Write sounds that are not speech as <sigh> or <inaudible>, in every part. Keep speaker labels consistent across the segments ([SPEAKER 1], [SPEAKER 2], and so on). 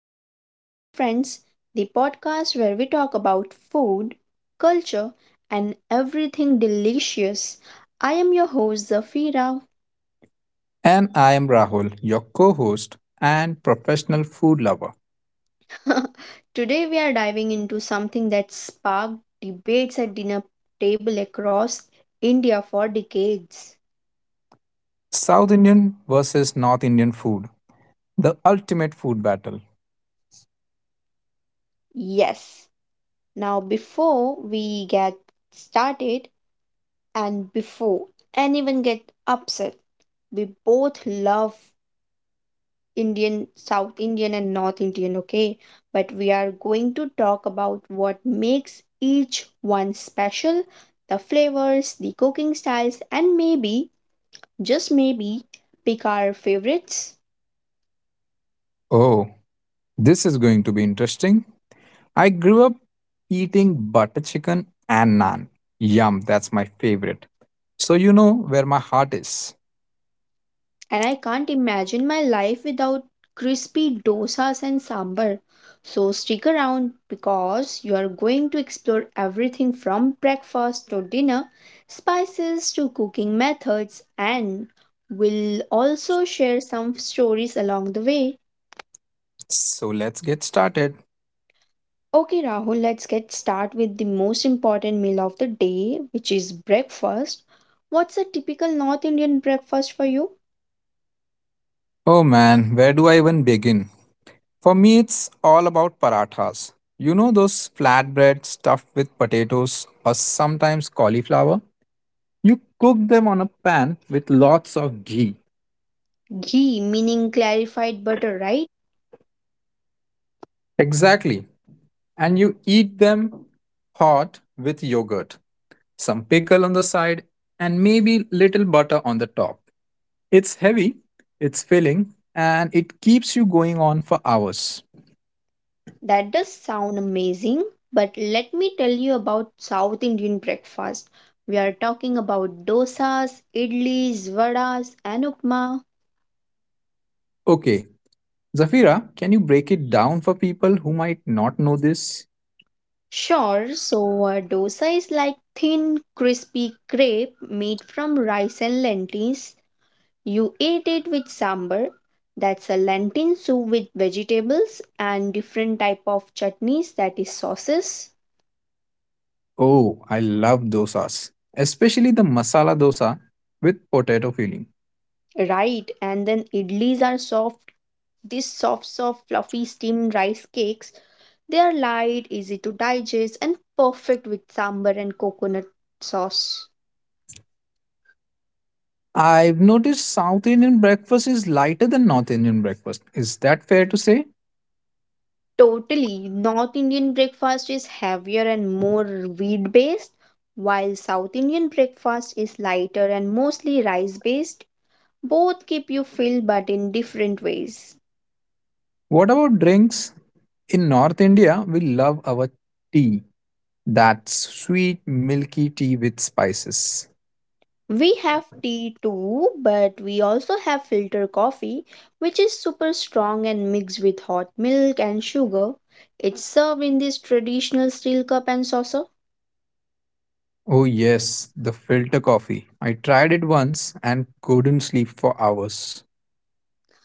[SPEAKER 1] To Flavors and Friends, the podcast where we talk about food, culture, and everything delicious. I am your host, Zafira.
[SPEAKER 2] And I am Rahul, your co host and professional food lover.
[SPEAKER 1] <laughs> Today we are diving into something that sparked debates at dinner table across India for decades.
[SPEAKER 2] South Indian versus North Indian food, the ultimate food battle.
[SPEAKER 1] Yes. Now before we get started and before anyone get upset, we both love Indian, South Indian, and North Indian, okay? But we are going to talk about what makes each one special the flavors, the cooking styles, and maybe, just maybe, pick our favorites.
[SPEAKER 2] Oh, this is going to be interesting. I grew up eating butter chicken and naan. Yum, that's my favorite. So you know where my heart is.
[SPEAKER 1] And I can't imagine my life without crispy dosas and sambar. So stick around because you are going to explore everything from breakfast to dinner, spices to cooking methods, and we'll also share some stories along the way.
[SPEAKER 2] So let's get started.
[SPEAKER 1] Okay, Rahul, let's get start with the most important meal of the day, which is breakfast. What's a typical North Indian breakfast for you?
[SPEAKER 2] Oh man, where do I even begin? For me, it's all about parathas. You know those flatbread stuffed with potatoes or sometimes cauliflower? You cook them on a pan with lots of ghee.
[SPEAKER 1] Ghee, meaning clarified butter, right?
[SPEAKER 2] Exactly. And you eat them hot with yogurt, some pickle on the side, and maybe little butter on the top. It's heavy, it's filling, and it keeps you going on for hours.
[SPEAKER 1] That does sound amazing, but let me tell you about South Indian breakfast. We are talking about dosas, idlis, vadas, and upma.
[SPEAKER 2] Okay, Zafira, can you break it down for people who might not know this?
[SPEAKER 1] Sure, so a dosa is like thin, crispy crepe made from rice and lentils. You eat it with sambar. That's a lentil soup with vegetables and different type of chutneys that is sauces.
[SPEAKER 2] Oh, I love dosas, especially the masala dosa with potato filling.
[SPEAKER 1] Right, and then idlis are soft these soft, fluffy steamed rice cakes, they are light, easy to digest, and perfect with sambar and coconut sauce.
[SPEAKER 2] I've noticed South Indian breakfast is lighter than North Indian breakfast. Is that fair to say?
[SPEAKER 1] Totally, North Indian breakfast is heavier and more wheat based, while South Indian breakfast is lighter and mostly rice based. Both keep you filled but in different ways.
[SPEAKER 2] What about drinks? In North India, we love our tea. That sweet, milky tea with spices.
[SPEAKER 1] We have tea too, but we also have filter coffee, which is super strong and mixed with hot milk and sugar. It's served in this traditional steel cup and saucer.
[SPEAKER 2] Oh, yes, the filter coffee. I tried it once and couldn't sleep for hours.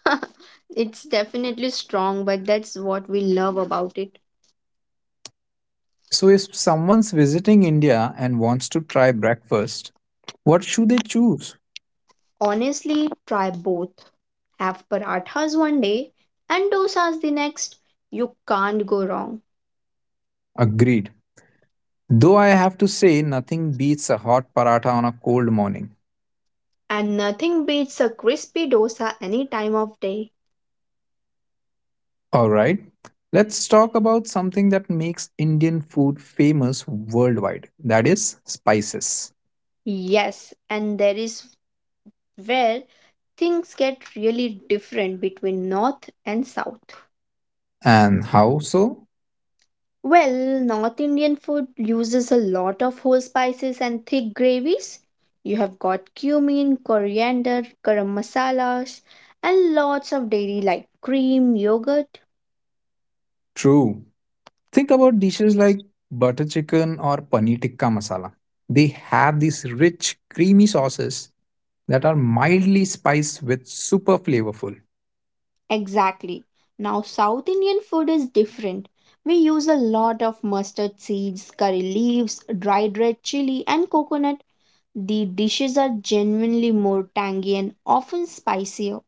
[SPEAKER 1] <laughs> It's definitely strong, but that's what we love about it.
[SPEAKER 2] So, if someone's visiting India and wants to try breakfast, what should they choose?
[SPEAKER 1] Honestly, try both. Have parathas one day and dosas the next. You can't go wrong.
[SPEAKER 2] Agreed. Though I have to say, nothing beats a hot paratha on a cold morning.
[SPEAKER 1] And nothing beats a crispy dosa any time of day.
[SPEAKER 2] Alright, let's talk about something that makes Indian food famous worldwide, that is, spices.
[SPEAKER 1] Yes, and there is where things get really different between North and South.
[SPEAKER 2] And how so?
[SPEAKER 1] Well, North Indian food uses a lot of whole spices and thick gravies. You have got cumin, coriander, garam masalas, and lots of dairy like cream, yogurt.
[SPEAKER 2] True. Think about dishes like butter chicken or paneer tikka masala. They have these rich, creamy sauces that are mildly spiced with super flavorful.
[SPEAKER 1] Exactly. Now, South Indian food is different. We use a lot of mustard seeds, curry leaves, dried red chili, and coconut. The dishes are genuinely more tangy and often spicier.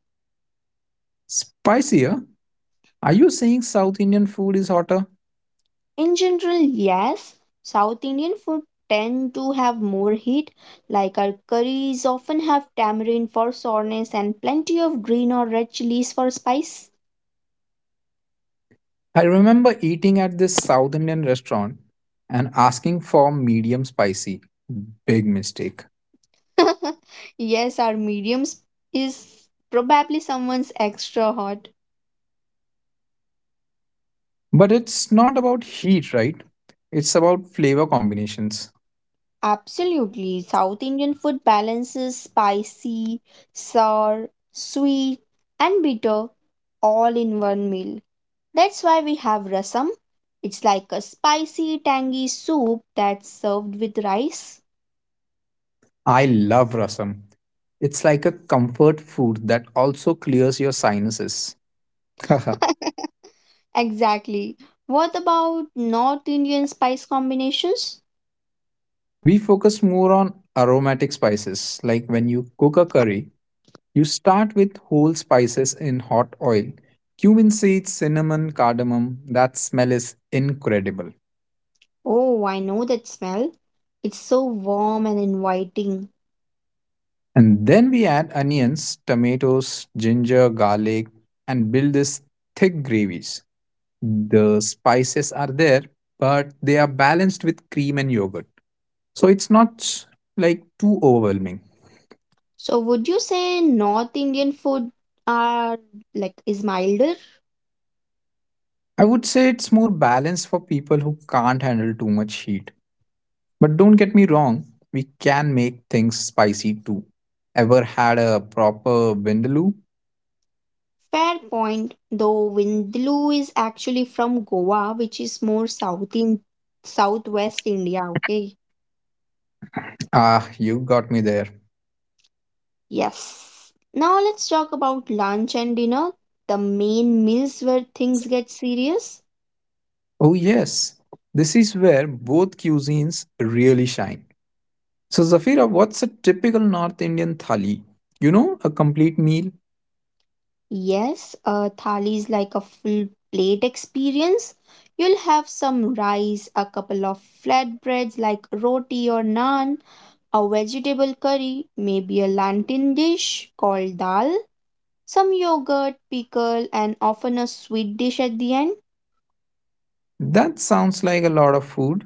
[SPEAKER 2] Spicier? Are you saying South Indian food is hotter?
[SPEAKER 1] In general, yes, South Indian food tend to have more heat, like our curries often have tamarind for sourness and plenty of green or red chilies for spice.
[SPEAKER 2] I remember eating at this South Indian restaurant and asking for medium spicy. Big mistake.
[SPEAKER 1] <laughs> Yes, our mediums is probably someone's extra hot.
[SPEAKER 2] But it's not about heat, right? It's about flavor combinations.
[SPEAKER 1] Absolutely, South Indian food balances spicy, sour, sweet, and bitter all in one meal. That's why we have rasam. It's like a spicy, tangy soup that's served with rice.
[SPEAKER 2] I love rasam. It's like a comfort food that also clears your sinuses. <laughs>
[SPEAKER 1] <laughs> Exactly. What about North Indian spice combinations?
[SPEAKER 2] We focus more on aromatic spices. Like when you cook a curry, you start with whole spices in hot oil. Cumin seeds, cinnamon, cardamom, that smell is incredible.
[SPEAKER 1] Oh, I know that smell. It's so warm and inviting.
[SPEAKER 2] And then we add onions, tomatoes, ginger, garlic, and build this thick gravies. The spices are there, but they are balanced with cream and yogurt. So it's not like too overwhelming.
[SPEAKER 1] So, would you say North Indian food are like is milder?
[SPEAKER 2] I would say it's more balanced for people who can't handle too much heat. But don't get me wrong, we can make things spicy too. Ever had a proper vindaloo?
[SPEAKER 1] Fair point. Though Vindaloo is actually from Goa, which is more south in southwest India. Okay.
[SPEAKER 2] Ah, you got me there.
[SPEAKER 1] Yes. Now let's talk about lunch and dinner, the main meals where things get serious.
[SPEAKER 2] Oh, yes. This is where both cuisines really shine. So, Zafira, what's a typical North Indian thali? You know, a complete meal?
[SPEAKER 1] Yes, a thali is like a full plate experience. You'll have some rice, a couple of flatbreads like roti or naan, a vegetable curry, maybe a lantern dish called dal, some yogurt, pickle, and often a sweet dish at the end.
[SPEAKER 2] That sounds like a lot of food,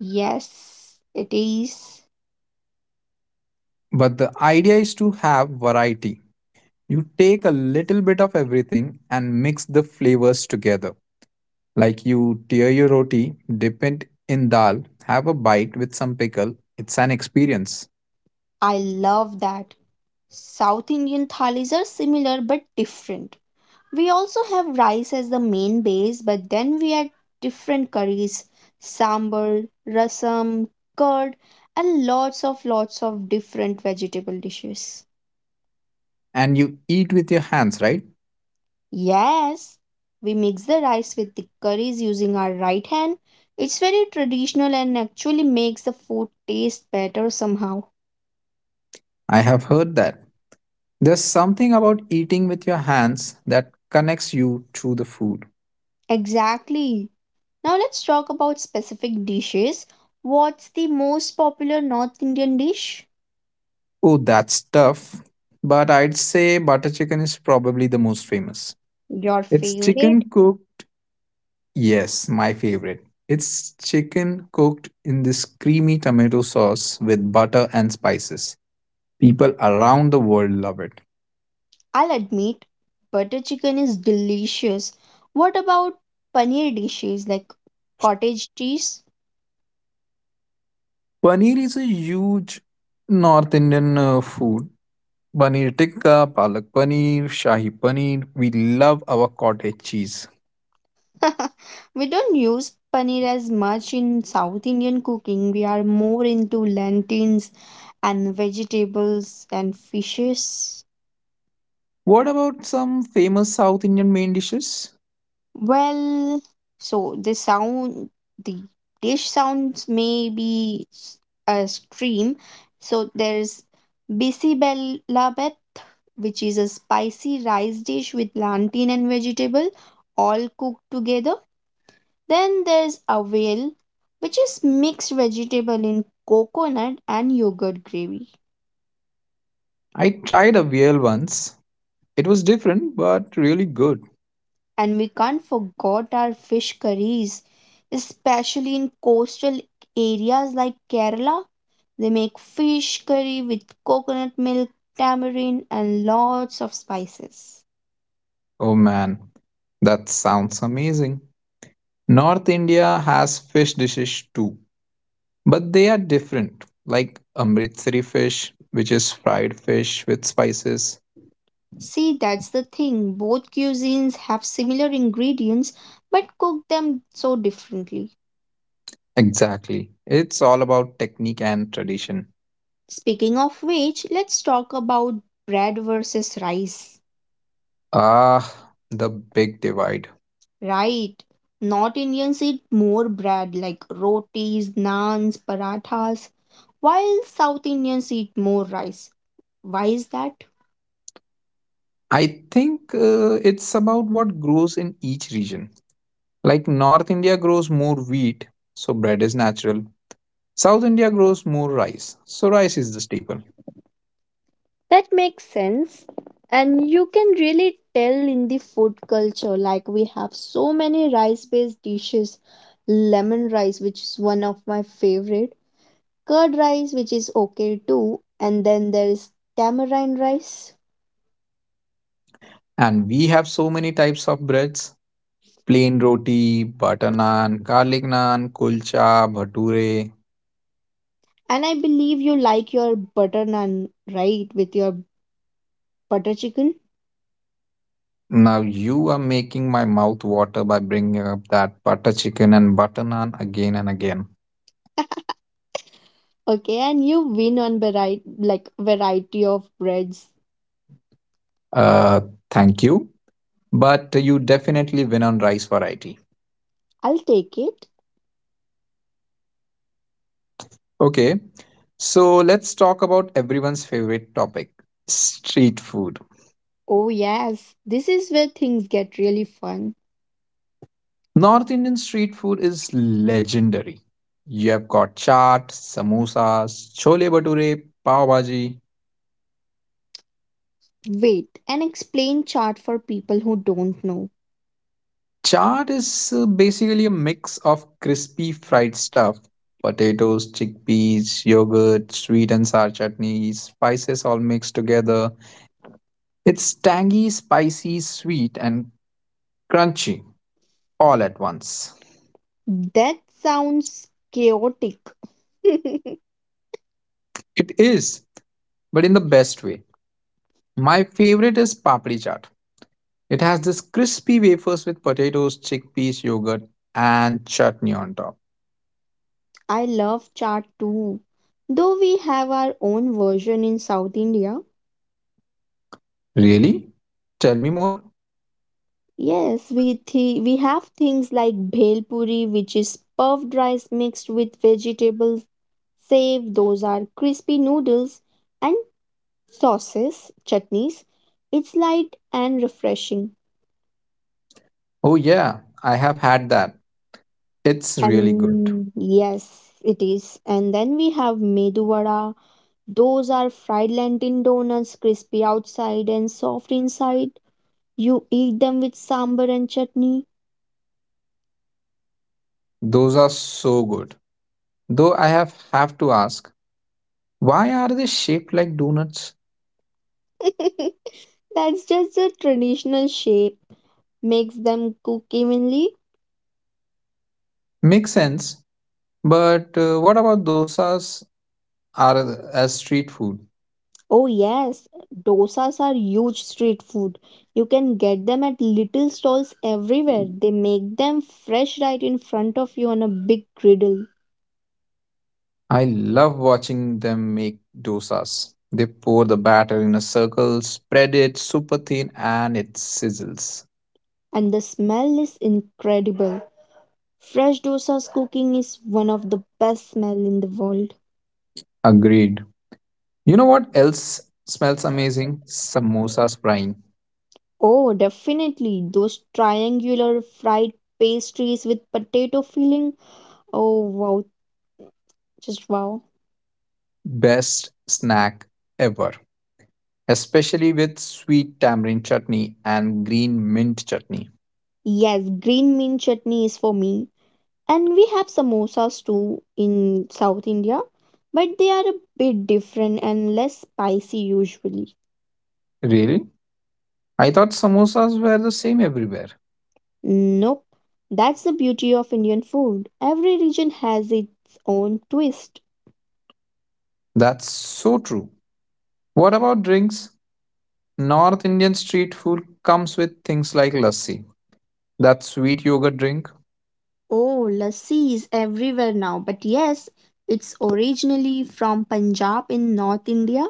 [SPEAKER 1] Yes, it is.
[SPEAKER 2] but the idea is to have variety. You take a little bit of everything and mix the flavors together. Like you tear your roti, dip it in dal, have a bite with some pickle. It's an experience.
[SPEAKER 1] I love that. South Indian thalis are similar but different. We also have rice as the main base, but then we add different curries, sambar, rasam, curd, and lots of different vegetable dishes.
[SPEAKER 2] And you eat with your hands, right?
[SPEAKER 1] Yes, we mix the rice with the curries using our right hand. It's very traditional and actually makes the food taste better somehow.
[SPEAKER 2] I have heard that. There's something about eating with your hands that connects you to the food.
[SPEAKER 1] Exactly. Now let's talk about specific dishes. What's the most popular North Indian dish?
[SPEAKER 2] Oh, that's tough. But I'd say butter chicken is probably the most famous.
[SPEAKER 1] Your
[SPEAKER 2] It's
[SPEAKER 1] favorite?
[SPEAKER 2] chicken cooked, yes, my favorite. It's chicken cooked in this creamy tomato sauce with butter and spices. People around the world love it.
[SPEAKER 1] I'll admit, butter chicken is delicious. What about paneer dishes like cottage cheese?
[SPEAKER 2] Paneer is a huge North Indian food. Paneer tikka, palak paneer, shahi paneer. We love our cottage cheese.
[SPEAKER 1] <laughs> We don't use paneer as much in South Indian cooking. We are more into lentils and vegetables and fishes.
[SPEAKER 2] What about some famous South Indian main dishes?
[SPEAKER 1] Well, so the sound, the dish sounds may be s- A stream. So there's Bisibelabeth, which is a spicy rice dish with plantain and vegetable, all cooked together. Then there's Avail, which is mixed vegetable in coconut and yogurt gravy.
[SPEAKER 2] I tried a veal once. It was different but really good.
[SPEAKER 1] And we can't forget our fish curries, especially in coastal areas like Kerala. They make fish curry with coconut milk, tamarind, and lots of spices.
[SPEAKER 2] Oh man, that sounds amazing. North India has fish dishes too, but they are different, like Amritsari fish, which is fried fish with spices.
[SPEAKER 1] See, that's the thing. Both cuisines have similar ingredients but cook them so differently.
[SPEAKER 2] Exactly. It's all about technique and tradition.
[SPEAKER 1] Speaking of which, let's talk about bread versus rice.
[SPEAKER 2] Ah, the big divide.
[SPEAKER 1] Right. North Indians eat more bread like rotis, naans, parathas, while South Indians eat more rice. Why is that?
[SPEAKER 2] I think it's about what grows in each region. Like North India grows more wheat, so bread is natural. South India grows more rice, so rice is the staple.
[SPEAKER 1] That makes sense. And you can really tell in the food culture, like we have so many rice based dishes lemon rice, which is one of my favorite, curd rice, which is okay too, and then there is tamarind rice.
[SPEAKER 2] And we have so many types of breads: plain roti, butter naan, garlic naan, kulcha, bhature.
[SPEAKER 1] And I believe you like your butter naan, right? With your butter chicken.
[SPEAKER 2] Now you are making my mouth water by bringing up that butter chicken and butter naan again and again.
[SPEAKER 1] Okay, and you win on variety, like variety of breads.
[SPEAKER 2] Uh, Thank you. But you definitely win on rice variety.
[SPEAKER 1] I'll take it.
[SPEAKER 2] Okay, so let's talk about everyone's favorite topic: street food.
[SPEAKER 1] Oh, yes, this is where things get really fun.
[SPEAKER 2] North Indian street food is legendary. You have got chaat, samosas, chole bhature, pav bhaji.
[SPEAKER 1] Wait, an explain chart for people who don't know.
[SPEAKER 2] Chaat is basically a mix of crispy fried stuff, potatoes, chickpeas, yogurt, sweet and sour chutney, spices all mixed together. It's tangy, spicy, sweet, and crunchy all at once.
[SPEAKER 1] That sounds chaotic. <laughs>
[SPEAKER 2] It is, but in the best way. My favorite is papdi chaat. It has this crispy wafers with potatoes, chickpeas, yogurt, and chutney on top.
[SPEAKER 1] I love chart too. Though we have our own version in South India.
[SPEAKER 2] Really? Tell me more.
[SPEAKER 1] Yes, we have things like bhel puri, which is puffed rice mixed with vegetables. Save those are crispy noodles and sauces, chutneys. It's light and refreshing.
[SPEAKER 2] Oh, yeah, I have had that. It's really good.
[SPEAKER 1] And yes, it is. And then we have medu vada. Those are fried lentil donuts, crispy outside and soft inside. You eat them with sambar and chutney.
[SPEAKER 2] Those are so good. Though I have to ask, why are they shaped like donuts?
[SPEAKER 1] <laughs> That's just a traditional shape. Makes them cook evenly.
[SPEAKER 2] Makes sense, but what about dosas are as street food?
[SPEAKER 1] Oh yes, dosas are huge street food. You can get them at little stalls everywhere. They make them fresh right in front of you on a big griddle.
[SPEAKER 2] I love watching them make dosas. They pour the batter in a circle, spread it super thin, and it sizzles.
[SPEAKER 1] And the smell is incredible. Fresh dosa's cooking is one of the best smell in the world.
[SPEAKER 2] Agreed. You know what else smells amazing? Samosas frying.
[SPEAKER 1] Oh, definitely. Those triangular fried pastries with potato filling. Oh, wow. Just wow.
[SPEAKER 2] Best snack ever. Especially with sweet tamarind chutney and green mint chutney.
[SPEAKER 1] Yes, green mint chutney is for me. And we have samosas too in South India, but they are a bit different and less spicy usually.
[SPEAKER 2] Really? I thought samosas were the same everywhere.
[SPEAKER 1] Nope. That's the beauty of Indian food. Every region has its own twist.
[SPEAKER 2] That's so true. What about drinks? North Indian street food comes with things like lassi. That sweet yogurt drink.
[SPEAKER 1] Oh, lassi is everywhere now, but yes, it's originally from Punjab in North India.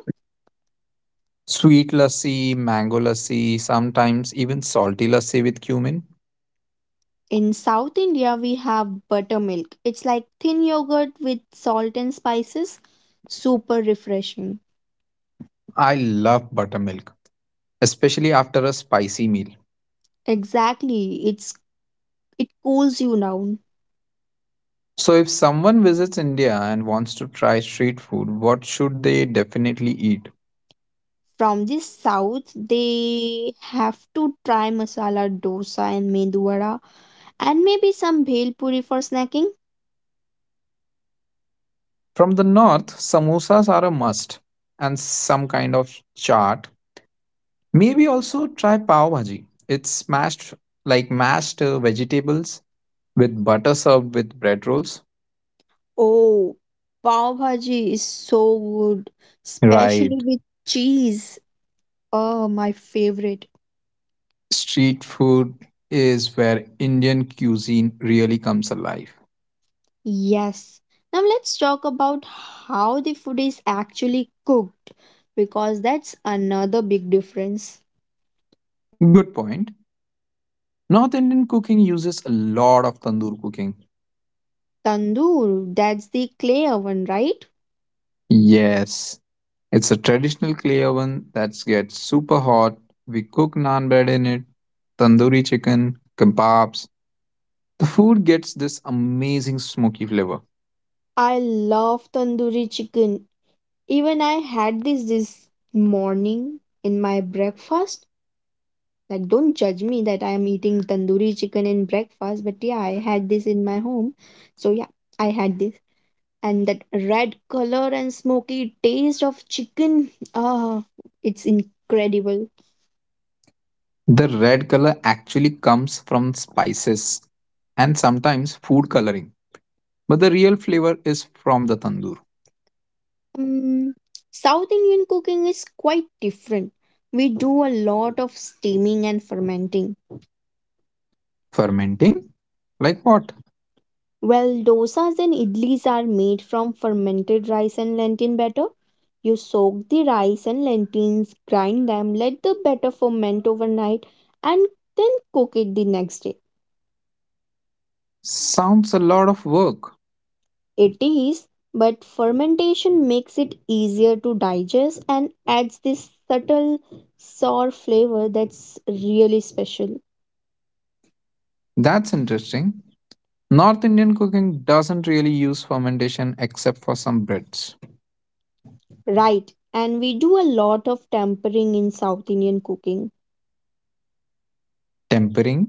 [SPEAKER 2] Sweet lassi, mango lassi, sometimes even salty lassi with cumin.
[SPEAKER 1] In South India, we have buttermilk. It's like thin yogurt with salt and spices. Super refreshing.
[SPEAKER 2] I love buttermilk, especially after a spicy meal.
[SPEAKER 1] Exactly. It cools you down.
[SPEAKER 2] So, if someone visits India and wants to try street food, what should they definitely eat?
[SPEAKER 1] From the south, they have to try masala dosa and medu vada and maybe some bhel puri for snacking.
[SPEAKER 2] From the north, samosas are a must, and some kind of chaat. Maybe also try pav bhaji. It's smashed, like mashed, vegetables with butter served with bread rolls.
[SPEAKER 1] Oh, pav bhaji is so good, especially
[SPEAKER 2] Right.
[SPEAKER 1] with cheese. Oh, my favorite.
[SPEAKER 2] Street food is where Indian cuisine really comes alive.
[SPEAKER 1] Yes. Now let's talk about how the food is actually cooked because that's another big difference.
[SPEAKER 2] Good point. North Indian cooking uses a lot of tandoor cooking.
[SPEAKER 1] Tandoor, that's the clay oven, right?
[SPEAKER 2] Yes, it's a traditional clay oven that gets super hot. We cook naan bread in it, tandoori chicken, kebabs. The food gets this amazing smoky flavor.
[SPEAKER 1] I love tandoori chicken. Even I had this morning in my breakfast. Like, don't judge me that I am eating tandoori chicken in breakfast, but yeah, I had this in my home. So, yeah, I had this. And that red color and smoky taste of chicken, ah, it's incredible.
[SPEAKER 2] The red color actually comes from spices and sometimes food coloring, but the real flavor is from the tandoor.
[SPEAKER 1] Um, South Indian cooking is quite different. We do a lot of steaming and fermenting.
[SPEAKER 2] Fermenting? Like what?
[SPEAKER 1] Well, dosas and idlis are made from fermented rice and lentil batter. You soak the rice and lentils, grind them, let the batter ferment overnight, and then cook it the next day.
[SPEAKER 2] Sounds a lot of work.
[SPEAKER 1] It is, but fermentation makes it easier to digest and adds this subtle sour flavor that's really special.
[SPEAKER 2] That's interesting. North Indian cooking doesn't really use fermentation except for some breads.
[SPEAKER 1] Right, and we do a lot of tempering in South Indian cooking.
[SPEAKER 2] Tempering?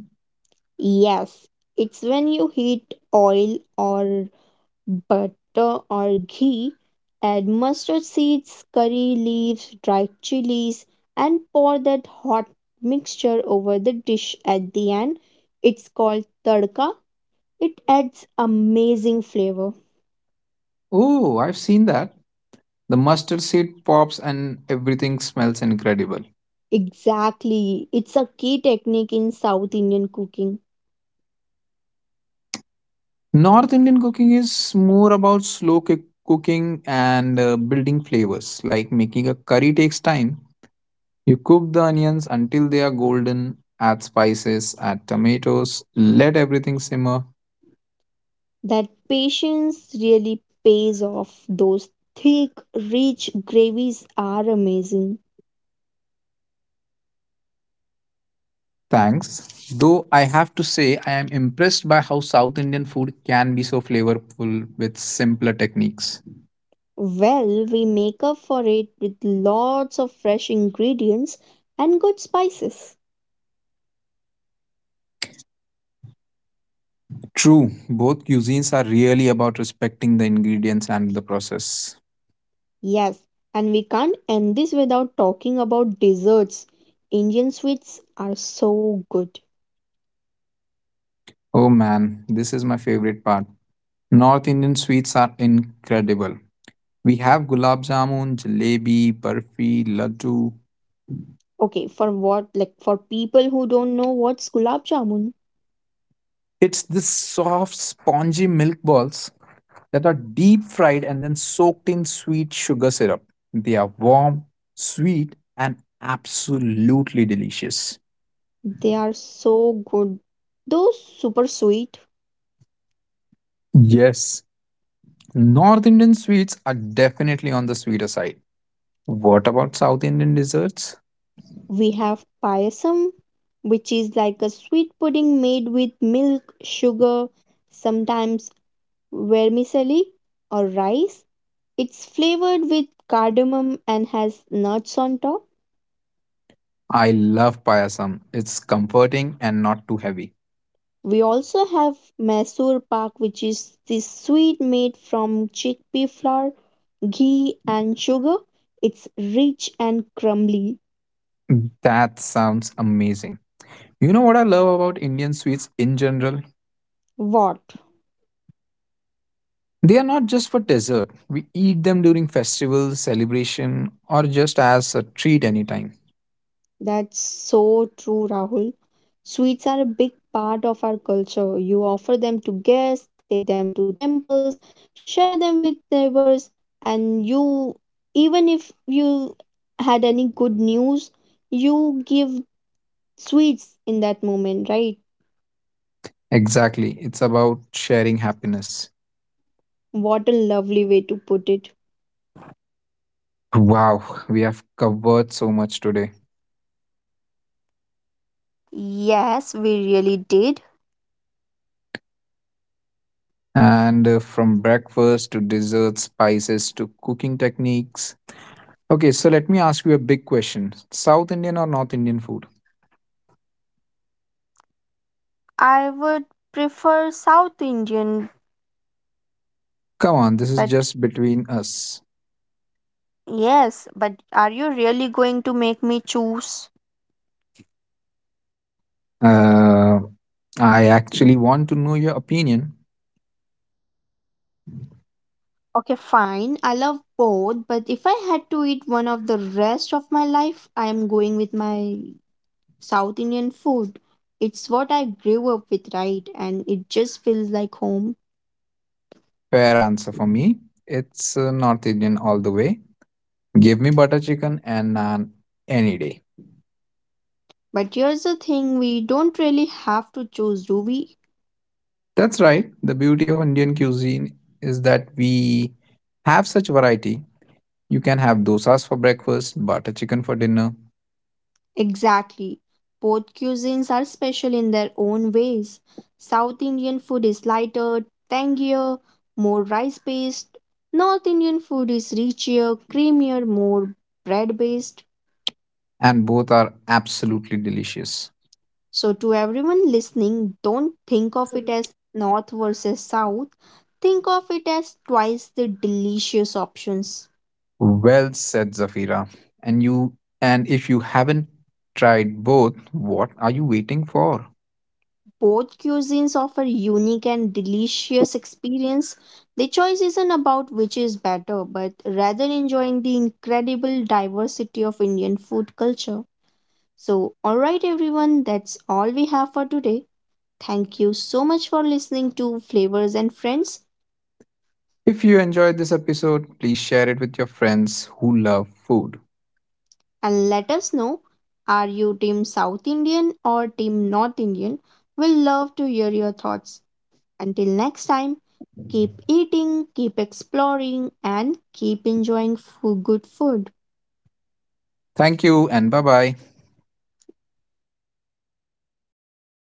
[SPEAKER 1] Yes, it's when you heat oil or butter or ghee, add mustard seeds, curry leaves, dried chilies, and pour that hot mixture over the dish at the end. It's called tadka. It adds amazing flavor.
[SPEAKER 2] Oh, I've seen that. The mustard seed pops and everything smells incredible.
[SPEAKER 1] Exactly. It's a key technique in South Indian cooking.
[SPEAKER 2] North Indian cooking is more about cooking and building flavors. Like making a curry takes time. You cook the onions until they are golden, add spices, add tomatoes, let everything simmer.
[SPEAKER 1] That patience really pays off. Those thick, rich gravies are amazing.
[SPEAKER 2] Thanks. Though I have to say, I am impressed by how South Indian food can be so flavorful with simpler techniques.
[SPEAKER 1] Well, we make up for it with lots of fresh ingredients and good spices.
[SPEAKER 2] True, both cuisines are really about respecting the ingredients and the process.
[SPEAKER 1] Yes, and we can't end this without talking about desserts. Indian sweets are so good.
[SPEAKER 2] Oh man, this is my favorite part. North Indian sweets are incredible. We have gulab jamun, jalebi, barfi, laddu.
[SPEAKER 1] Okay, for what like for people who don't know what's gulab jamun,
[SPEAKER 2] It's this soft, spongy milk balls that are deep fried and then soaked in sweet sugar syrup. They are warm, sweet, and absolutely delicious.
[SPEAKER 1] they are so good. Though super sweet,
[SPEAKER 2] Yes, North Indian sweets are definitely on the sweeter side. What about South Indian desserts?
[SPEAKER 1] we have payasam, which is like a sweet pudding made with milk, sugar, sometimes vermicelli or rice. It's flavored with cardamom and has nuts on top.
[SPEAKER 2] I love payasam. It's comforting and not too heavy.
[SPEAKER 1] We also have Mysore pak, which is this sweet made from chickpea flour, ghee, and sugar. It's rich and crumbly.
[SPEAKER 2] That sounds amazing. You know what I love about Indian sweets in general?
[SPEAKER 1] What?
[SPEAKER 2] They are not just for dessert. We eat them during festivals, celebration, or just as a treat anytime.
[SPEAKER 1] That's so true, Rahul. Sweets are a big part of our culture. You offer them to guests, take them to temples, share them with neighbors, and you, even if you had any good news, you give sweets in that moment, right?
[SPEAKER 2] Exactly. It's about sharing happiness.
[SPEAKER 1] What a lovely way to put it.
[SPEAKER 2] Wow, we have covered so much today. And from breakfast to desserts, spices to cooking techniques. Okay, so let me ask you a big question: South Indian or North Indian food? Come on, this is just between us. Uh, I actually want to know your opinion.
[SPEAKER 1] Okay, fine. I love both, but if I had to eat one of the rest of my life, I am going with my South Indian food. It's what I grew up with, right? And it just feels like home.
[SPEAKER 2] Fair answer. For me, it's North Indian all the way. Give me butter chicken and naan any day.
[SPEAKER 1] But here's the thing we don't really have to choose, do we?
[SPEAKER 2] That's right. The beauty of Indian cuisine is that we have such variety. You can have dosas for breakfast, butter chicken for dinner,
[SPEAKER 1] Exactly. Both cuisines are special in their own ways. South Indian food is lighter, tangier, more rice based. North Indian food is richer, creamier, more bread based.
[SPEAKER 2] and both are absolutely delicious.
[SPEAKER 1] So, to everyone listening, don't think of it as north versus south. Think of it as twice the delicious options.
[SPEAKER 2] Well said, Zafira. And you and if you haven't tried both, what are you waiting for?
[SPEAKER 1] Both cuisines offer unique and delicious experience. The choice isn't about which is better, but rather enjoying the incredible diversity of Indian food culture. So, alright, everyone, that's all we have for today. Thank you so much for listening to Flavors and Friends.
[SPEAKER 2] If you enjoyed this episode, please share it with your friends who love food.
[SPEAKER 1] And let us know are you team South Indian or team North Indian? We'll love to hear your thoughts. Until next time, keep eating, keep exploring, and keep enjoying good food.
[SPEAKER 2] Thank you and bye-bye.